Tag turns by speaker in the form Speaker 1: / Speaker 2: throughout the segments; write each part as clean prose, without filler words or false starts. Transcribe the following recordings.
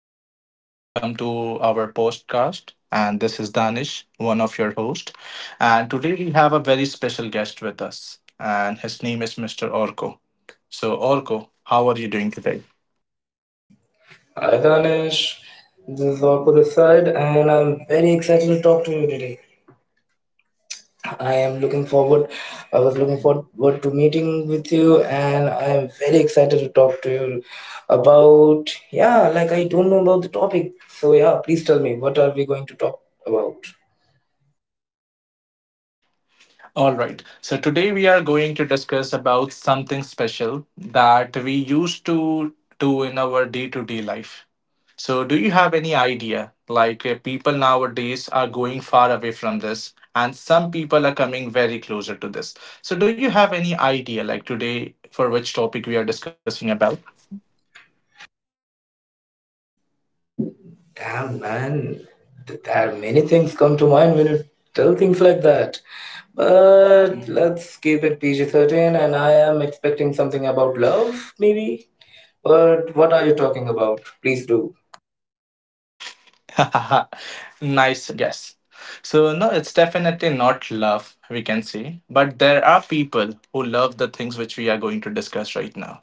Speaker 1: everyone, welcome to our podcast. And this is Danish, one of your hosts. And today we have a very special guest with us, and his name is Mr. Orko. So, Orko, how are you doing today?
Speaker 2: Hi Danish, this is Arko this side, and I'm very excited to talk to you today. I am looking forward. I was looking forward to meeting with you, and I am very excited to talk to you about yeah. Like I don't know about the topic, so yeah. Please tell me, what are we going to talk about?
Speaker 1: All right. So today we are going to discuss about something special that we used to do in our day-to-day life. So do you have any idea like people nowadays are going far away from this and some people are coming very closer to this. So do you have any idea like today for which topic we are discussing about?
Speaker 2: Damn man, there are many things come to mind when you tell things like that. But let's keep it PG 13, and I am expecting something about love, maybe. But what are you talking about? Please do.
Speaker 1: Nice guess. So no, it's definitely not love, we can say, but there are people who love the things which we are going to discuss right now.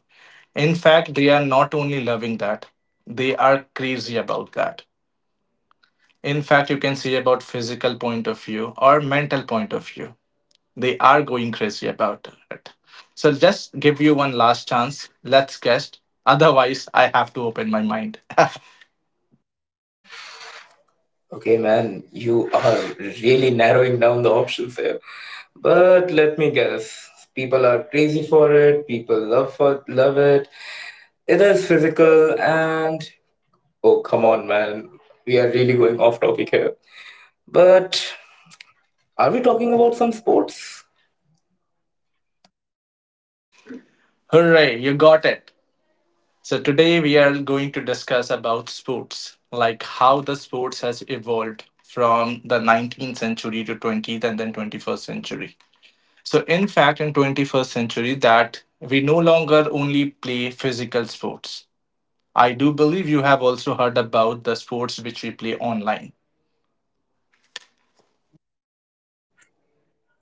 Speaker 1: In fact, they are not only loving that, they are crazy about that. In fact, you can see about physical point of view or mental point of view. They are going crazy about it. So just give you one last chance. Let's guess. Otherwise, I have to open my mind.
Speaker 2: Okay, man, you are really narrowing down the options here. But let me guess, people are crazy for it. People love for love it. It is physical and oh come on, man, we are really going off topic here. But are we talking about some sports?
Speaker 1: Hooray, you got it. So today we are going to discuss about sports, like how the sports has evolved from the 19th century to 20th and then 21st century. So, in fact, in 21st century, that we no longer only play physical sports. I do believe you have also heard about the sports which we play online.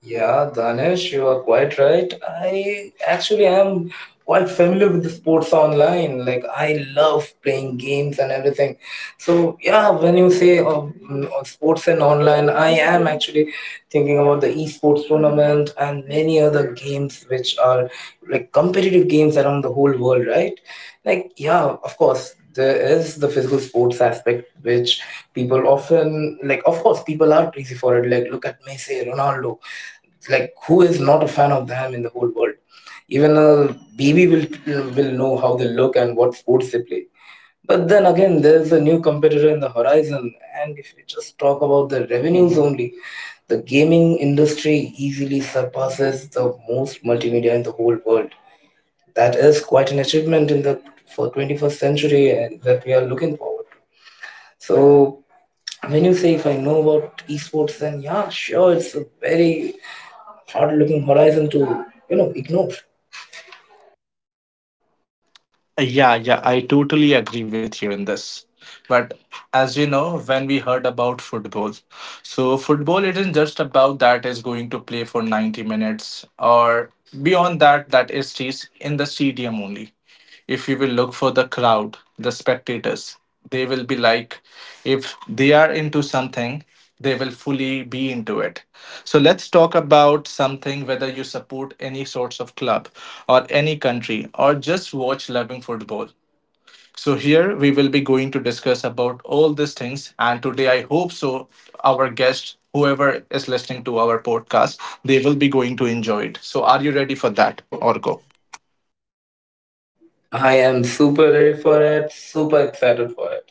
Speaker 2: Yeah, Danesh, you are quite right. I actually am quite familiar with the sports online. Like, I love playing games and everything. So, yeah, when you say sports and online, I am actually thinking about the esports tournament and many other games which are like competitive games around the whole world, right? Like, yeah, of course, there is the physical sports aspect which people often like, of course people are crazy for it, like look at Messi, Ronaldo. It's like, who is not a fan of them in the whole world? Even a baby will know how they look and what sports they play. But then again, there's a new competitor in the horizon, and if we just talk about the revenues only, the gaming industry easily surpasses the most multimedia in the whole world. That is quite an achievement in the for 21st century and that we are looking forward to. So when you say if I know about esports, then yeah, sure, it's a very hard-looking horizon to you know ignore.
Speaker 1: Yeah, yeah, I totally agree with you in this. But as you know, when we heard about football, so football isn't just about that is going to play for 90 minutes or beyond that, that is stays in the stadium only. If you will look for the crowd, the spectators, they will be like, if they are into something, they will fully be into it. So let's talk about something whether you support any sorts of club or any country or just watch loving football. So here we will be going to discuss about all these things and today I hope so our guest whoever is listening to our podcast they will be going to enjoy it. So are you ready for that, Orko?
Speaker 2: I am super ready for it, super excited for it.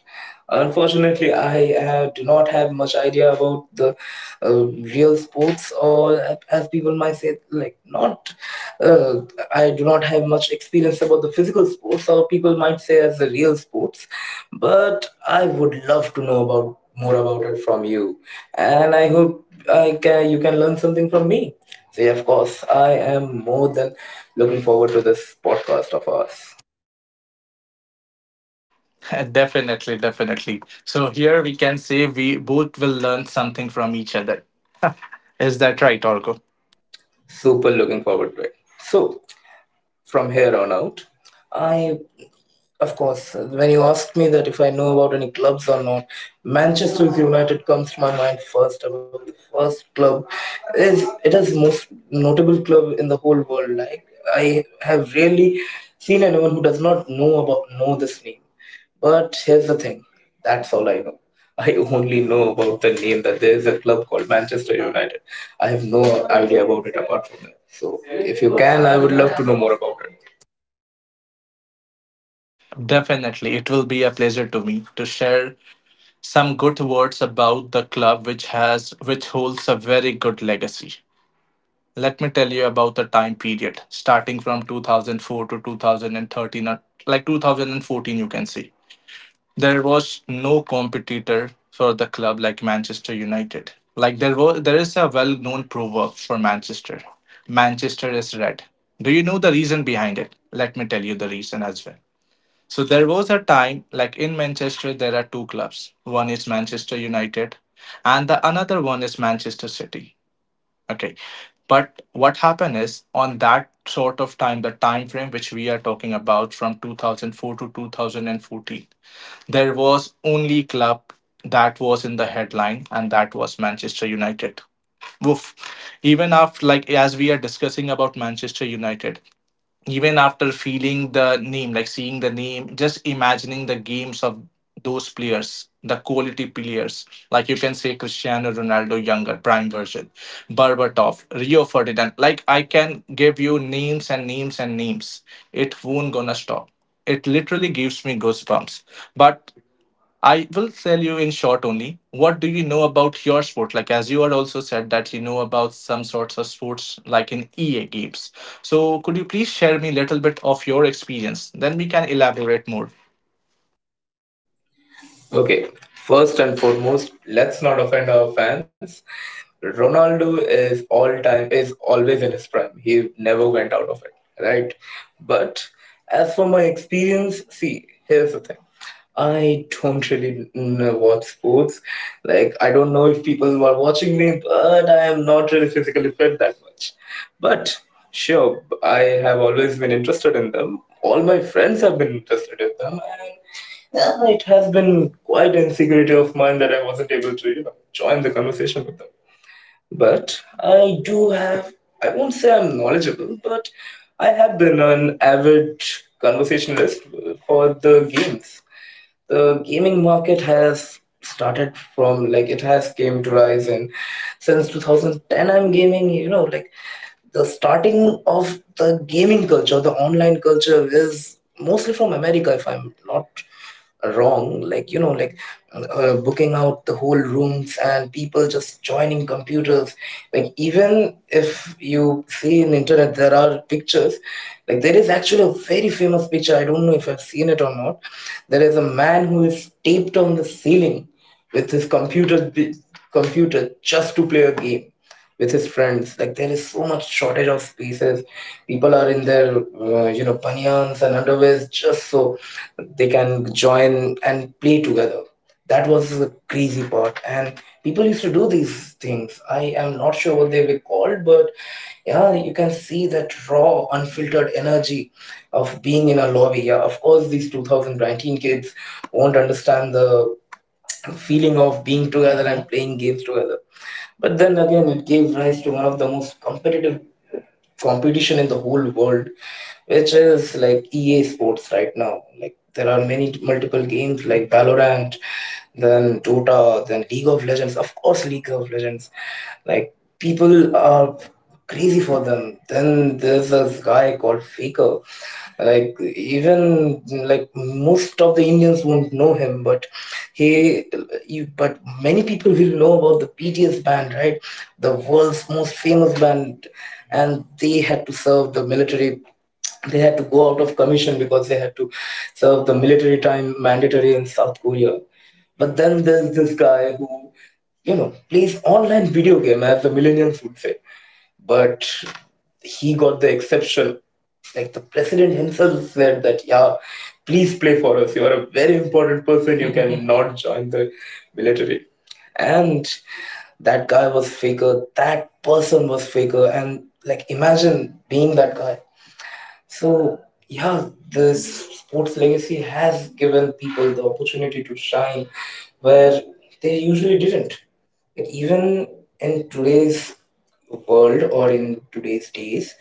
Speaker 2: Unfortunately, I do not have much idea about the uh, real sports, or as people might say, like not. Uh, I do not have much experience about the physical sports, or people might say as the real sports. But I would love to know about more about it from you, and I hope I can you can learn something from me. So yeah, of course, I am more than looking forward to this podcast of ours.
Speaker 1: Definitely, definitely. So here we can say we both will learn something from each other. Is that right, Orko?
Speaker 2: Super looking forward to it. So, from here on out, I, of course, when you asked me that if I know about any clubs or not, Manchester United comes to my mind first. About the first club, is it is most notable club in the whole world. Like I have really seen anyone who does not know about know this name. But here's the thing, that's all I know. I only know about the name that there is a club called Manchester United. I have no idea about it apart from that. So if you can, I would love to know more about it.
Speaker 1: Definitely. It will be a pleasure to me to share some good words about the club which has which holds a very good legacy. Let me tell you about the time period starting from 2004 to 2013 or like 2014 you can see. There was no competitor for the club like Manchester United. Like there was there is a well known proverb for Manchester. Manchester is red. Do you know the reason behind it? Let me tell you the reason as well. So there was a time like in Manchester there are two clubs. One is Manchester United and the another one is Manchester City. Okay. But what happened is on that sort of time, the time frame which we are talking about from 2004 to 2014, there was only club that was in the headline, and that was Manchester United. Woof. Even after, like, as we are discussing about Manchester United, even after feeling the name, like seeing the name, just imagining the games of those players, the quality players, like you can say Cristiano Ronaldo, younger, prime version, Berbatov, Rio Ferdinand. Like, I can give you names and names and names. It won't gonna stop. It literally gives me goosebumps. But I will tell you in short only. What do you know about your sport? Like as you had also said that you know about some sorts of sports like in EA games. So could you please share me a little bit of your experience? Then we can elaborate more.
Speaker 2: Okay, first and foremost, let's not offend our fans. Ronaldo is all time is always in his prime. He never went out of it, right? But as for my experience, see, here's the thing. I don't really know watch sports. Like I don't know if people were watching me, but I am not really physically fit that much. But sure, I have always been interested in them. All my friends have been interested in them, and it has been quite insecurity of mine that I wasn't able to, you know, join the conversation with them. But I do have, I won't say I'm knowledgeable, but I have been an avid conversationalist for the games the gaming market has started from, like it has came to rise and since 2010 I'm gaming, you know, like the starting of the gaming culture, the online culture is mostly from America, if I'm not wrong, like you know like, booking out the whole rooms and people just joining computers, like even if you see in internet there are pictures, like there is actually a very famous picture, I don't know if I've seen it or not, there is a man who is taped on the ceiling with his computer just to play a game with his friends. Like there is so much shortage of spaces, people are in their you know panyans and underwears just so they can join and play together. That was the crazy part, and people used to do these things. I am not sure what they were called, but yeah, you can see that raw unfiltered energy of being in a lobby. Yeah, of course these 2019 kids won't understand the feeling of being together and playing games together. But then again, it gave rise to one of the most competitive competition in the whole world, which is like EA Sports right now. Like there are many multiple games like Valorant, then Dota, then League of Legends. Of course, League of Legends. Like people are crazy for them. Then there's this guy called Faker. Like even like most of the Indians won't know him, but he, you, but many people will know about the BTS band, right? The world's most famous band, and they had to serve the military, they had to go out of commission because they had to serve the military time mandatory in South Korea. But then there's this guy who, you know, plays online video game, as the millennials would say, but he got the exception. Like the president himself said that yeah, please play for us, you are a very important person, you cannot join the military. And that guy was Faker, that person was Faker, and like imagine being that guy. So yeah, the sports legacy has given people the opportunity to shine where they usually didn't. But even in today's world or in today's days,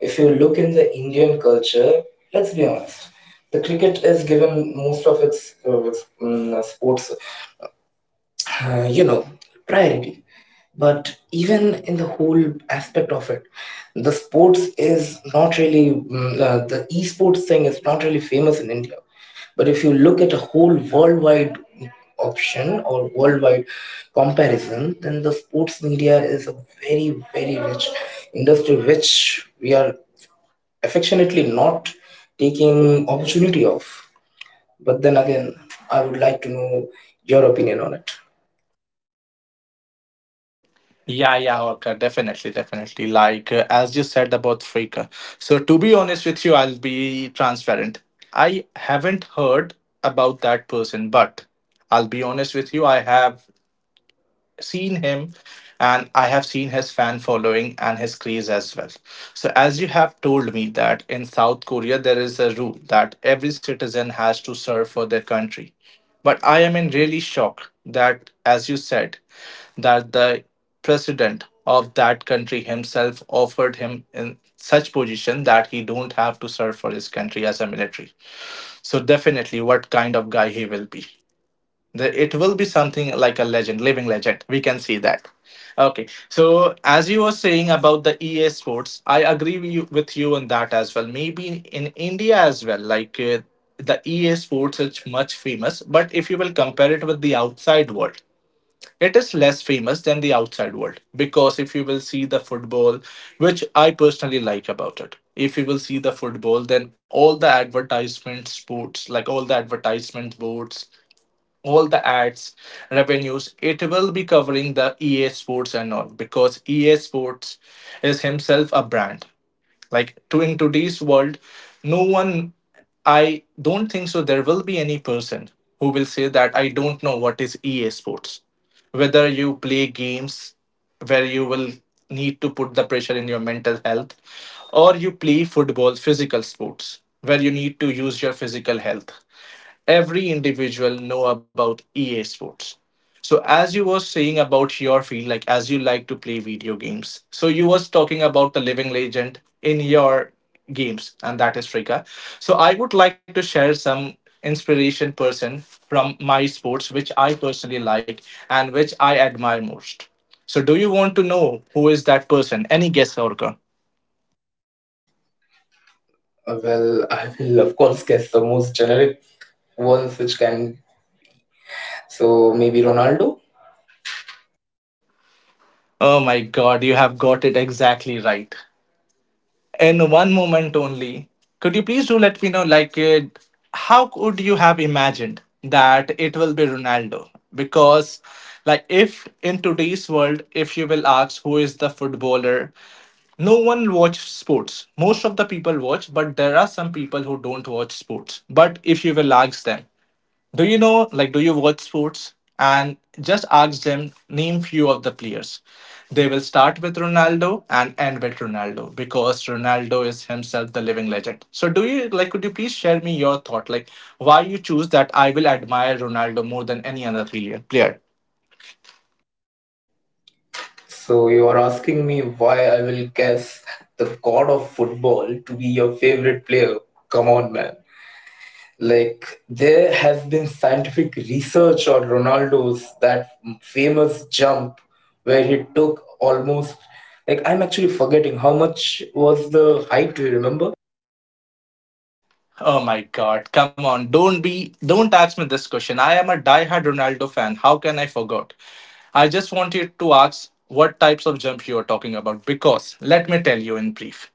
Speaker 2: if you look in the Indian culture, let's be honest, the cricket is given most of its sports you know priority. But even in the whole aspect of it, the sports is not really the esports thing is not really famous in India. But if you look at a whole worldwide option or worldwide comparison, then the sports media is a very, very rich industry which we are affectionately not taking opportunity of. But then again, I would like to know your opinion on it.
Speaker 1: Yeah, yeah, okay, definitely, definitely. Like as you said about Frika. So to be honest with you, I'll be transparent. I haven't heard about that person, but I'll be honest with you, I have seen him and I have seen his fan following and his craze as well. So, as you have told me, that in South Korea there is a rule that every citizen has to serve for their country. But I am in really shock that, as you said, that the president of that country himself offered him in such position that he don't have to serve for his country as a military. So definitely what kind of guy he will be. It will be something like a legend, living legend, we can see that. Okay. So as you were saying about the EA Sports, I agree with you on that as well. Maybe in India as well, like the EA Sports is much famous, but if you will compare it with the outside world, it is less famous than the outside world, because if you will see the football, which I personally like about it, if you will see the football, then all the advertisement sports, like all the advertisement boards, all the ads, revenues, it will be covering the EA Sports and all, because EA Sports is himself a brand. Like to in today's world, no one, I don't think so there will be any person who will say that I don't know what is EA Sports. Whether you play games where you will need to put the pressure in your mental health, or you play football, physical sports, where you need to use your physical health, every individual know about EA Sports. So as you were saying about your field, like as you like to play video games, so you was talking about the living legend in your games, and that is Frika. So I would like to share some inspiration person from my sports which I personally like and which I admire most. So do you want to know who is that person? Any guess, Orca?
Speaker 2: Well, I will of course guess the most generic ones which can. So maybe Ronaldo.
Speaker 1: Oh my god, you have got it exactly right. In one moment only. Could you please do let me know, like, how could you have imagined that it will be Ronaldo? Because, like, if in today's world, if you will ask who is the footballer, no one watch sports. Most of the people watch, but there are some people who don't watch sports. But if you will ask them, do you know, like, do you watch sports? And just ask them, name few of the players. They will start with Ronaldo and end with Ronaldo because Ronaldo is himself the living legend. So, do you like, could you please share me your thought? Like, why you choose that I will admire Ronaldo more than any other player?
Speaker 2: So you are asking me why I will guess the god of football to be your favorite player. Come on, man. Like there has been scientific research on Ronaldo's that famous jump where he took almost, like I'm actually forgetting how much was the height. Do you remember?
Speaker 1: Oh my God, come on. Don't ask me this question. I am a diehard Ronaldo fan. How can I forget? I just wanted to ask what types of jump you are talking about because let me tell you in brief.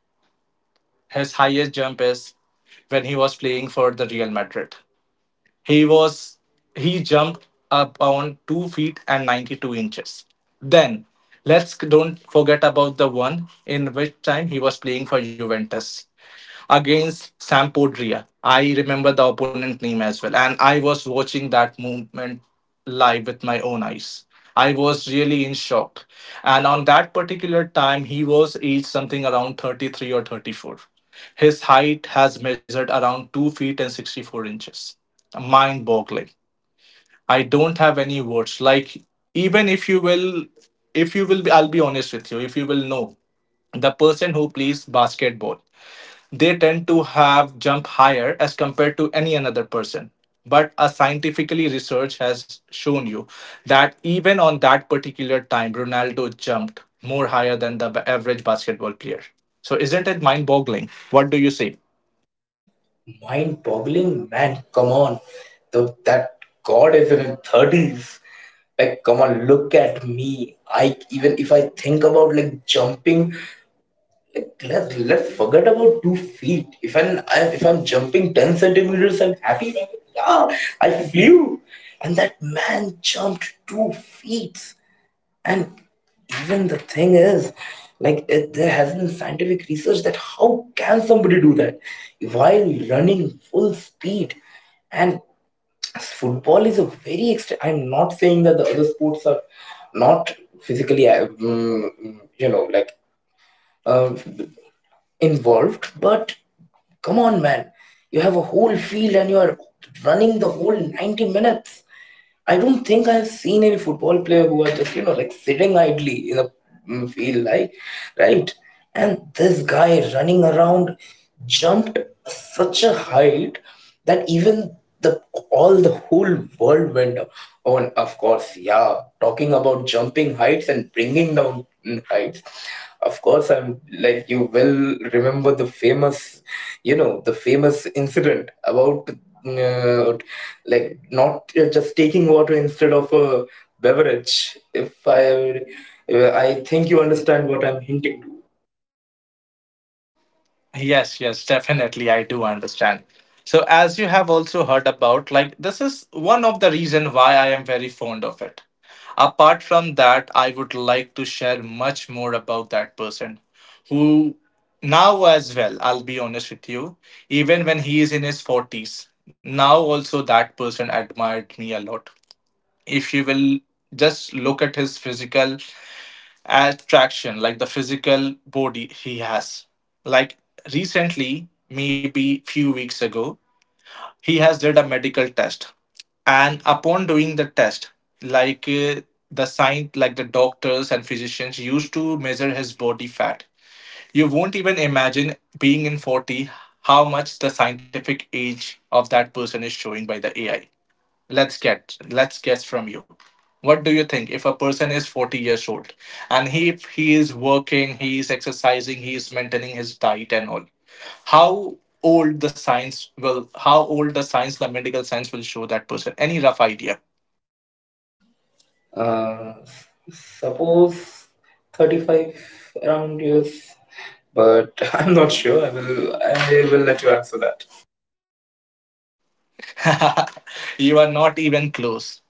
Speaker 1: His highest jump is when he was playing for the Real Madrid. He was he jumped up on 2 feet and 92 inches. Then let's don't forget about the one in which time he was playing for Juventus against Sampdoria. I remember the opponent name as well, and I was watching that movement live with my own eyes. I was really in shock, and on that particular time, he was aged something around 33 or 34. His height has measured around 2 feet and 64 inches. Mind boggling. I don't have any words. Like even if you will be, I'll be honest with you. If you will know the person who plays basketball, they tend to have jump higher as compared to any another person, but a scientifically research has shown you that even on that particular time Ronaldo jumped more higher than the average basketball player. So isn't it mind boggling? What do you say?
Speaker 2: Mind boggling, man. Come on. The, that God is in his 30s. Like, come on, look at me. I even if I think about like jumping, like let's forget about 2 feet. If I'm jumping ten centimeters, I'm happy. Man. Yeah, I flew, and that man jumped 2 feet. And even the thing is, like, it, there has been scientific research that how can somebody do that while running full speed? And football is a very extra. I'm not saying that the other sports are not physically, you know, like uh, involved, but come on, man. You have a whole field and you are running the whole 90 minutes. I don't think I've seen any football player who are just, you know, like sitting idly in a field, like, right? And this guy running around jumped such a height that even the all the whole world went up. Oh, and of course, yeah, talking about jumping heights and bringing down heights. Of course, I'm like, you will remember the famous you know the famous incident about uh, like not just taking water instead of a beverage, if I I think you understand what I'm hinting
Speaker 1: Yes, yes, definitely. I do understand. So, as you have also heard about, like, this is one of the reason why I am very fond of it. Apart from that, I would like to share much more about that person who now as well, I'll be honest with you, even when he is in his 40s, now also that person admired me a lot. If you will just look at his physical attraction, like the physical body he has. Like recently, maybe few weeks ago, he has did a medical test, and upon doing the test, like the sign, like the doctors and physicians used to measure his body fat. You won't even imagine being in 40 how much the scientific age of that person is showing by the AI. Let's guess from you. What do you think if a person is 40 years old and he if he is working, he is exercising, he is maintaining his diet and all. How old the science will how old the medical science will show that person? Any rough idea?
Speaker 2: to. Suppose 35 around years, but I'm not sure, I will I will let you answer that.
Speaker 1: You are not even close.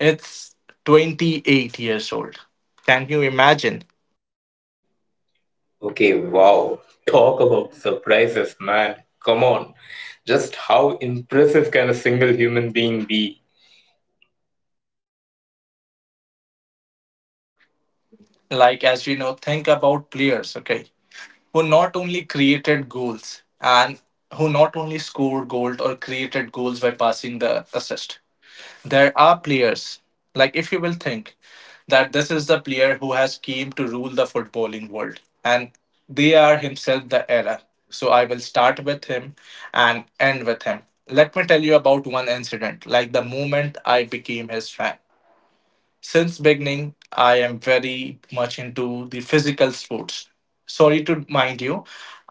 Speaker 1: It's 28 years old. Can you imagine?
Speaker 2: Okay, wow, talk about surprises, man. Come on. Just how impressive can a single human being be?
Speaker 1: Like, as you know, think about players. Okay, who not only created goals and who not only scored goals or created goals by passing the assist. There are players, like, if you will think that this is the player who has came to rule the footballing world and they are himself the era. So I will start with him and end with him. Let me tell you about one incident, like the moment I became his fan. Since beginning, I am very much into the physical sports. Sorry to mind you,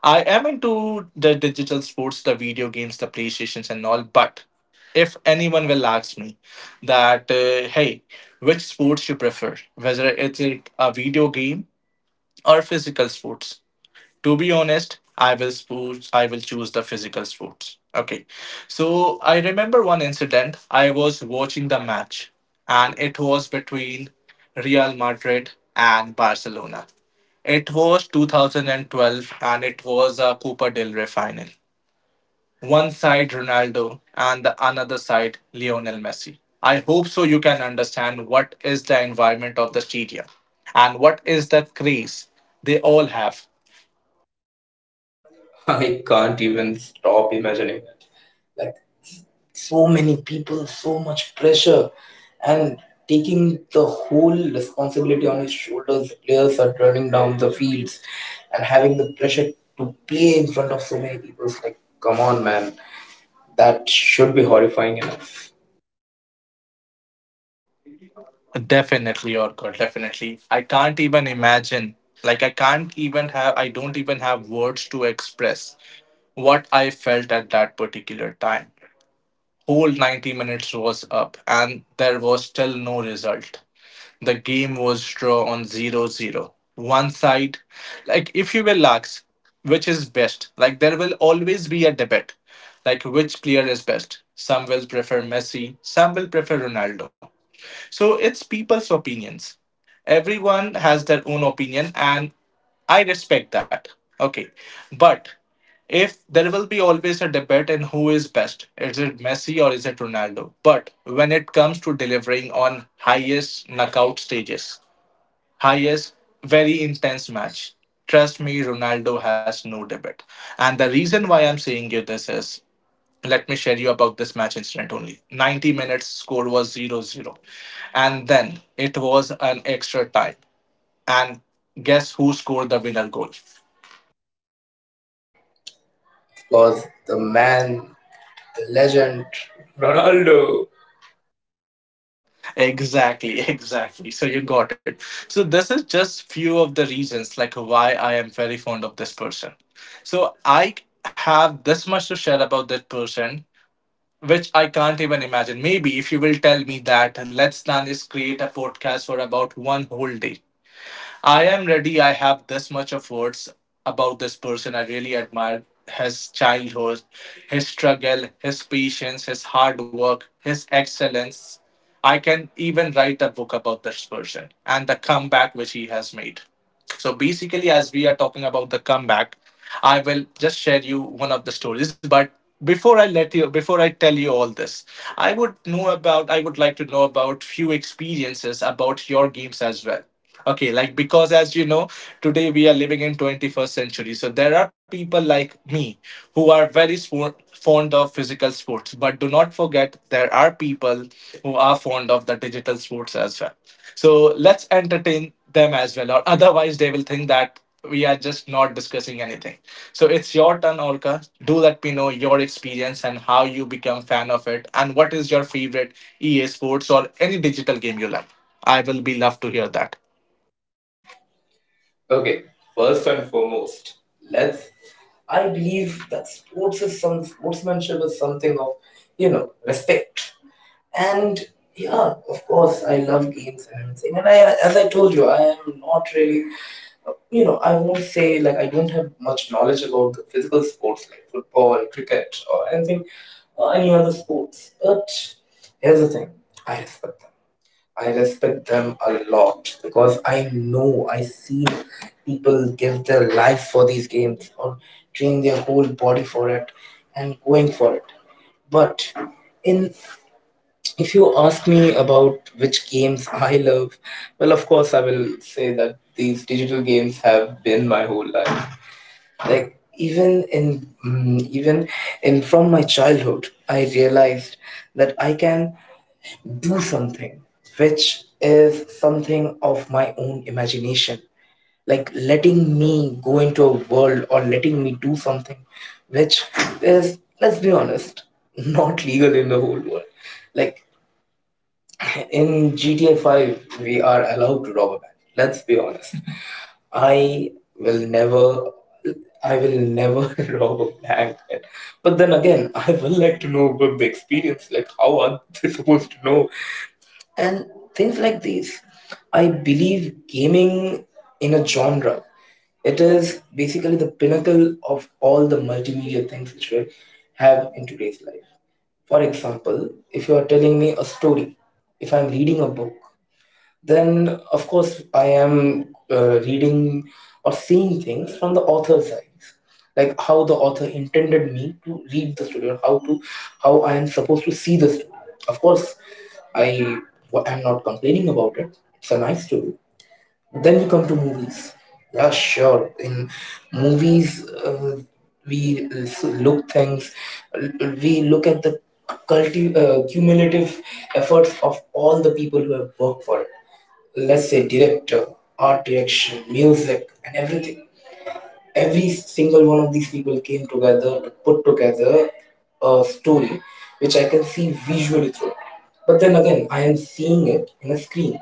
Speaker 1: I am into the digital sports, the video games, the PlayStations and all. But if anyone will ask me that hey, which sports you prefer, whether it's a video game or physical sports, to be honest, I will choose the physical sports. Okay. So I remember one incident. I was watching the match, and it was between Real Madrid and Barcelona. It was 2012 and it was a Copa del Rey final. One side Ronaldo, and the another side Lionel Messi. I hope so you can understand what is the environment of the stadium and what is the craze they all have.
Speaker 2: I can't even stop imagining it. Like so many people, so much pressure, and taking the whole responsibility on his shoulders. Players are turning down the fields and having the pressure to play in front of so many people. It's like, come on, man, that should be horrifying enough.
Speaker 1: Definitely, Orkut, definitely. I can't even imagine. Like, I can't even have, I don't even have words to express what I felt at that particular time. Whole 90 minutes was up, and there was still no result. The game was draw on zero zero. One side, like, if you will ask, which is best, like, there will always be a debate, like, which player is best. Some will prefer Messi, some will prefer Ronaldo. So it's people's opinions. Everyone has their own opinion, and I respect that. Okay. But if there will be always a debate in who is best, is it Messi or is it Ronaldo? But when it comes to delivering on highest knockout stages, highest, very intense match, trust me, Ronaldo has no debate. And the reason why I'm saying you this is, let me share you about this match incident only. 90 minutes score was zero zero, and then it was an extra time, and guess who scored the winner goal?
Speaker 2: Because the man, the legend, Ronaldo.
Speaker 1: Exactly. Exactly, so you got it. So this is just few of the reasons like why I am very fond of this person. So I have this much to share about that person, which I can't even imagine. Maybe if you will tell me that let's Nanis create a podcast for about one whole day, I am ready. I have this much of words about this person. I really admire his childhood, his struggle, his patience, his hard work, his excellence. I can even write a book about this person and the comeback which he has made. So basically, as we are talking about the comeback, I will just share you one of the stories. But before I let you, before I tell you all this, I would know about, I would like to know about few experiences about your games as well. Okay, like because as you know, today we are living in 21st century. So there are people like me who are very fond of physical sports. But do not forget, there are people who are fond of the digital sports as well. So let's entertain them as well, or otherwise, they will think that we are just not discussing anything. So it's your turn, Orca. Do let me know your experience and how you become fan of it, and what is your favorite EA Sports or any digital game you like. I will be love to hear that.
Speaker 2: Okay, first and foremost, let's. I believe that sports is some sportsmanship is something of, you know, respect. And yeah, of course, I love games and everything. And I, as I told you, I am not really, I won't say like I don't have much knowledge about the physical sports like football, cricket, or anything, or any other sports. But here's the thing, I respect them. I respect them a lot because I know I see people give their life for these games or train their whole body for it and going for it. But in if you ask me about which games I love, well of course I will say that these digital games have been my whole life. Like even in from my childhood, I realized that I can do something, which is something of my own imagination. Like letting me go into a world or letting me do something which is, let's be honest, not legal in the whole world. Like in GTA 5, we are allowed to rob a bank. Let's be honest. I will never. I will never rob a bank. But then again, I will like to know about the experience. Like, how are they supposed to know and things like these. I believe gaming in a genre, it is basically the pinnacle of all the multimedia things which we have in today's life. For example, if you are telling me a story, if I'm reading a book, then of course I am reading or seeing things from the author's eyes, like how the author intended me to read the story or how I am supposed to see the story. Of course, I am not complaining about it. It's a nice story. Then we come to movies. Yeah, sure. In movies, look things. We look at the cumulative efforts of all the people who have worked for it. Let's say director, art direction, music, and everything. Every single one of these people came together to put together a story which I can see visually through it. But then again, I am seeing it in a screen,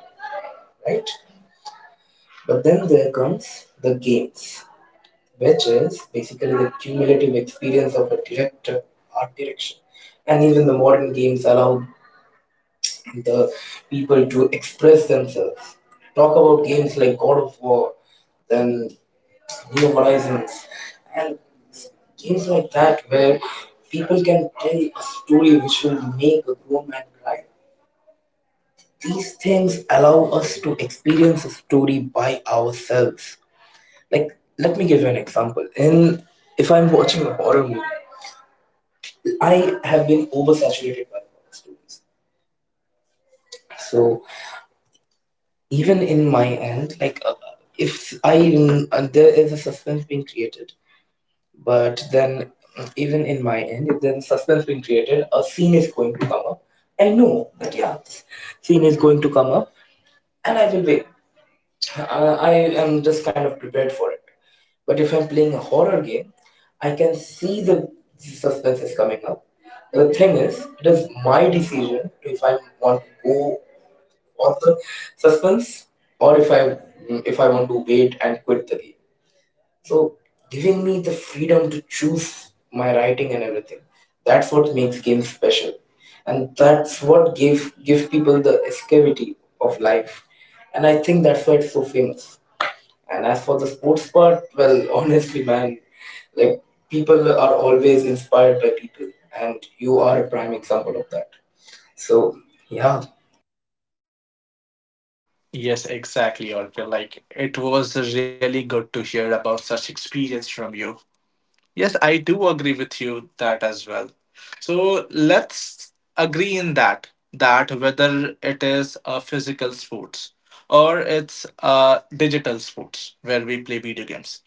Speaker 2: right? But then there comes the games, which is basically the cumulative experience of a director, art direction. And even the modern games allow the people to express themselves. Talk about games like God of War, then New Horizons, and games like that where people can tell a story which will make a grown man cry. These things allow us to experience a story by ourselves. Like, let me give you an example. In If I'm watching a horror movie, I have been oversaturated by horror stories. So even in my end, like if I there is a suspense being created. But then, even in my end, if there's a suspense being created, a scene is going to come up. I know that, yeah, this scene is going to come up, and I will wait. I am just kind of prepared for it. But if I'm playing a horror game, I can see the suspense is coming up. The thing is, it is my decision if I want to go for the suspense, or if I want to wait and quit the game. So giving me the freedom to choose my writing and everything, that's what makes games special, and that's what give people the escapity of life, and I think that's why it's so famous. And as for the sports part, well, honestly, man, like people are always inspired by people, and you are a prime example of that. So yeah.
Speaker 1: Yes, exactly, Orca. Like, it was really good to hear about such experience from you. Yes, I do agree with you that as well. So let's agree in that, that whether it is a physical sports or it's a digital sports where we play video games,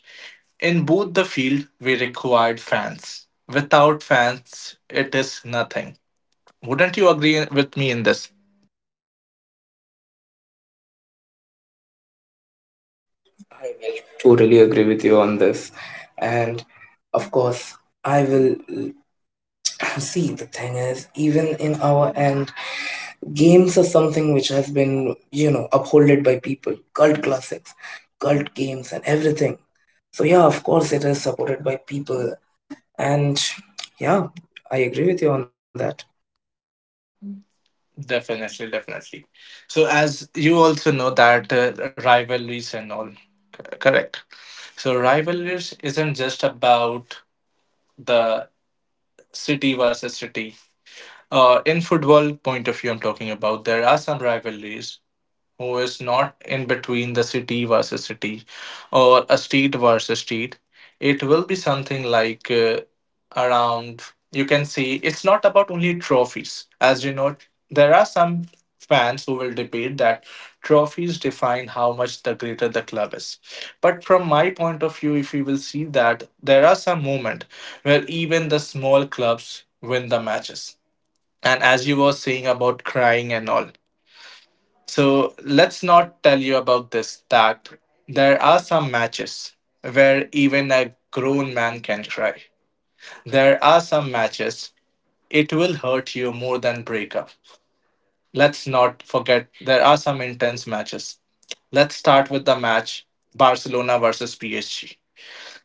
Speaker 1: in both the field, we required fans. Without fans, it is nothing. Wouldn't you agree with me in this? Definitely, definitely. So as you also know that rivalries and all, correct. So rivalries isn't just about the city versus city. In football point of view, I'm talking about there are some rivalries who is not in between the city versus city or a street versus street. It will be something like around, you can see, it's not about only trophies. As you know, there are some fans who will debate that trophies define how much the greater the club is. But from my point of view, if you will see that there are some moments where even the small clubs win the matches. And as you were saying about crying and all, so let's not tell you about this, that there are some matches where even a grown man can cry. There are some matches it will hurt you more than breakup. Let's not forget there are some intense matches. Let's start with the match Barcelona versus PSG.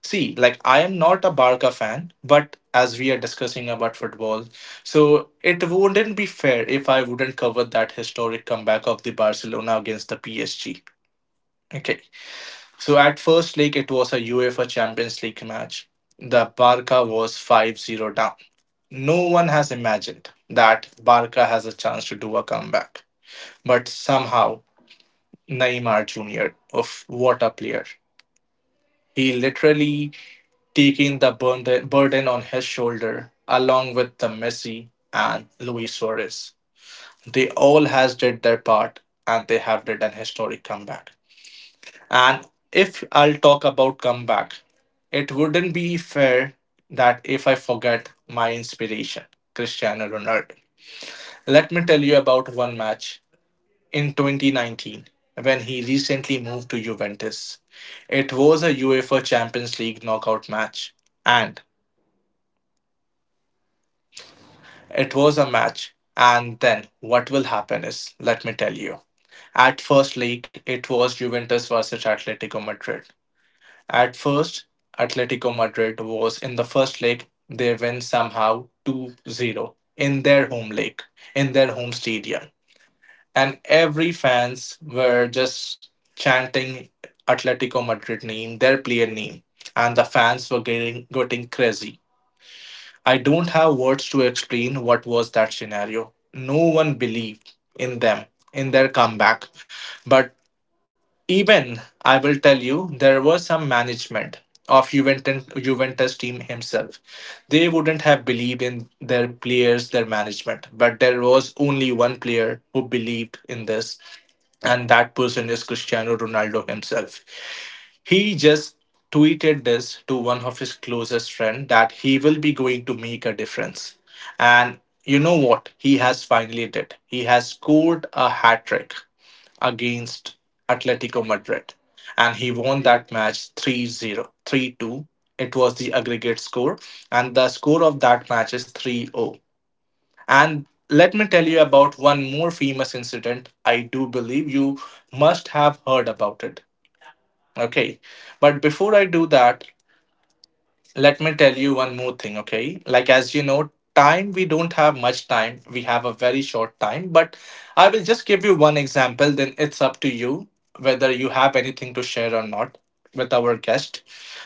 Speaker 1: See, like, I am not a Barca fan, but as we are discussing about football, so it wouldn't be fair if I wouldn't cover that historic comeback of the Barcelona against the PSG. Okay. So at first, like, it was a UEFA Champions League match. The Barca was 5-0 down. No one has imagined that Barca has a chance to do a comeback. But somehow, Neymar Jr. of what a player. He literally taking the burden on his shoulder along with the Messi and Luis Suarez. They all has did their part and they have did an historic comeback. And if I'll talk about comeback, it wouldn't be fair that if I forget my inspiration, Cristiano Ronaldo. Let me tell you about one match in 2019, when he recently moved to Juventus. It was a UEFA Champions League knockout match, and it was a match, and then what will happen is let me tell you. At first league it was Juventus versus Atletico Madrid. At first, Atletico Madrid was in the first leg. They win somehow 2-0 in their home league, in their home stadium. And every fans were just chanting Atletico Madrid name, their player name. And the fans were getting crazy. I don't have words to explain what was that scenario. No one believed in them, in their comeback. But even, I will tell you, there was some management of Juventus, Juventus team himself. They wouldn't have believed in their players, their management, but there was only one player who believed in this, and that person is Cristiano Ronaldo himself. He just tweeted this to one of his closest friend that he will be going to make a difference. And you know what? He has finally did. He has scored a hat trick against Atletico Madrid, and he won that match 3-0, 3-2. It was the aggregate score, and the score of that match is 3-0. And let me tell you about one more famous incident. I do believe you must have heard about it. Okay, but before I do that, let me tell you one more thing. Okay, like as you know, time, we don't have much time, we have a very short time, but I will just give you one example, then it's up to you whether you have anything to share or not with our guest.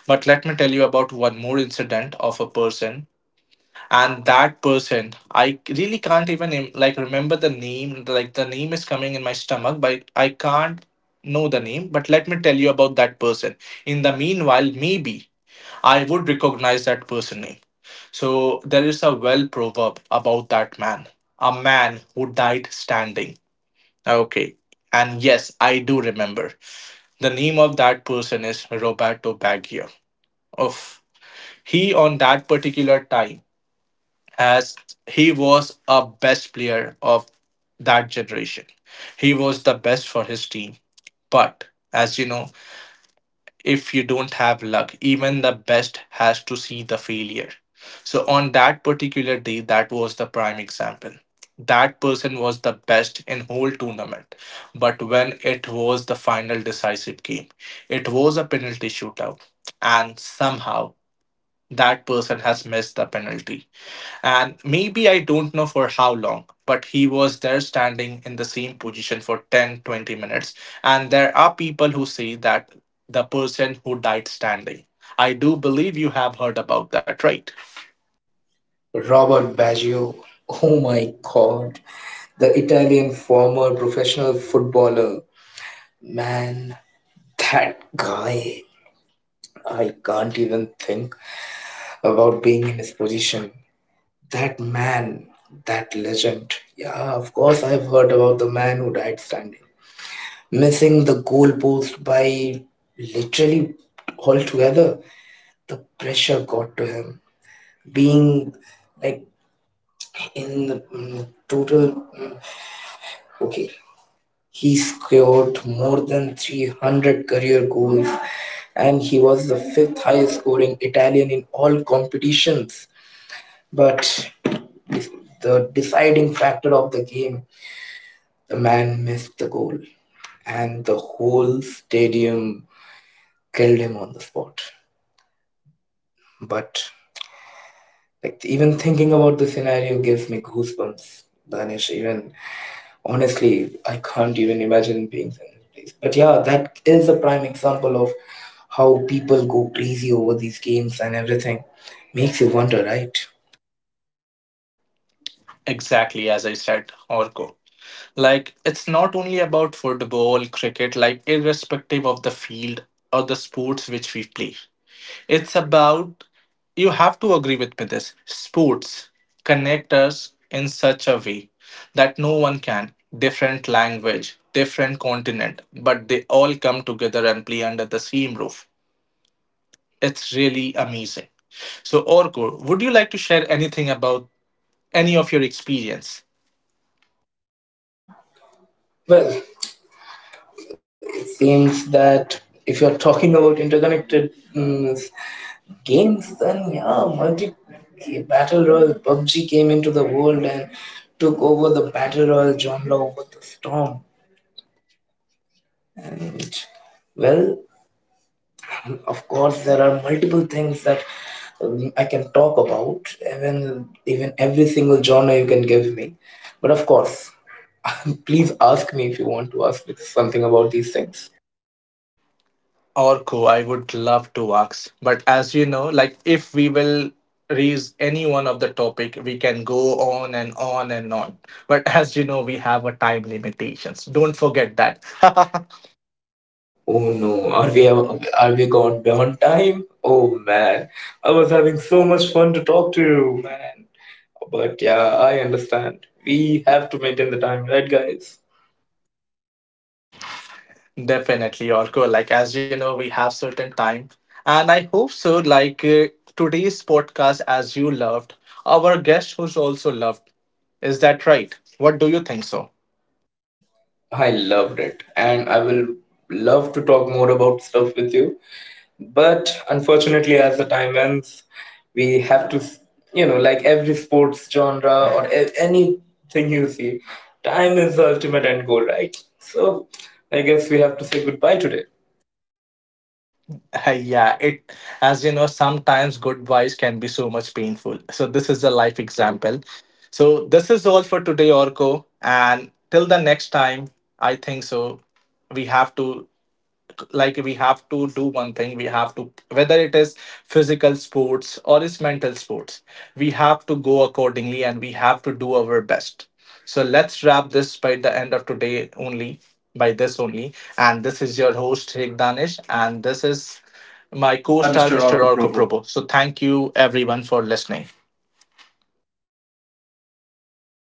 Speaker 1: But let me tell you about one more incident of a person, and that person I really can't even like remember the name, like the name is coming in my stomach but I can't know the name. But let me tell you about that person. In the meanwhile, maybe I would recognize that person name. So there is a well proverb about that man. A man who died standing. Okay. And yes, I do remember. The name of that person is Roberto Baggio. Of he on that particular time as he was a best player of that generation. He was the best for his team. But as you know, if you don't have luck, even the best has to see the failure. So, on that particular day, that was the prime example. That person was the best in whole tournament, but when it was the final decisive game, it was a penalty shootout, and somehow that person has missed the penalty. And maybe I don't know for how long, but he was there standing in the same position for 10 20 minutes. And there are people who say that the person who died standing. I do believe you have heard about that, right?
Speaker 2: Robert Baggio. Oh my god. The Italian former professional footballer. Man, that guy. I can't even think about being in his position. That man, that legend. Yeah, of course, I've heard about the man who died standing, missing the goalpost by literally altogether. The pressure got to him. Being like in the mm, total. Mm, Okay, he scored more than 300 career goals, and he was the fifth highest scoring Italian in all competitions. But the deciding factor of the game, the man missed the goal, and the whole stadium killed him on the spot. But like even thinking about the scenario gives me goosebumps, Danish. Even Honestly, I can't even imagine being in that place. But yeah, that is a prime example of how people go crazy over these games and everything. Makes you wonder, right?
Speaker 1: Exactly as I said, Orko. Like, it's not only about football, cricket, like, irrespective of the field or the sports which we play. It's about, you have to agree with me this. Sports connect us in such a way that no one can. Different language, different continent, but they all come together and play under the same roof. It's really amazing. So, Orko, would you like to share anything about any of your experience?
Speaker 2: Well, it seems that if you're talking about interconnected mm, games, then yeah, multi battle royale PUBG came into the world and took over the battle royale genre over the storm. And well, of course, there are multiple things that I can talk about. Even every single genre you can give me, but of course, please ask me if you want to ask me something about these things.
Speaker 1: Orko, I would love to ask. But as you know, like if we will raise any one of the topic, we can go on and on and on. But as you know, we have a time limitations. Don't forget that.
Speaker 2: Oh no, are we gone beyond time? Oh man, I was having so much fun to talk to you, man. But yeah, I understand. We have to maintain the time, right, guys?
Speaker 1: Definitely, Orko. Like as you know, we have certain time, and I hope so. Like today's podcast, as you loved, our guest who's also loved. Is that right? What do you think so?
Speaker 2: I loved it, and I will love to talk more about stuff with you. But unfortunately, as the time ends, we have to, you know, like every sports genre or anything you see, time is the ultimate end goal, right? So I guess we have to say goodbye today.
Speaker 1: Yeah, it as you know, sometimes good vibes can be so much painful. So this is a life example. So this is all for today, Orko. And till the next time, I think so, we have to, like, we have to do one thing, we have to, whether it is physical sports or is mental sports, we have to go accordingly and we have to do our best. So let's wrap this by the end of today only, by this only. And this is your host Rick Danish, and this is
Speaker 2: My
Speaker 1: my
Speaker 2: co-star,
Speaker 1: co-star
Speaker 2: Mr.
Speaker 1: Mr.
Speaker 2: Orko
Speaker 1: Orko
Speaker 2: Pro.
Speaker 1: Probo. So thank you everyone for listening.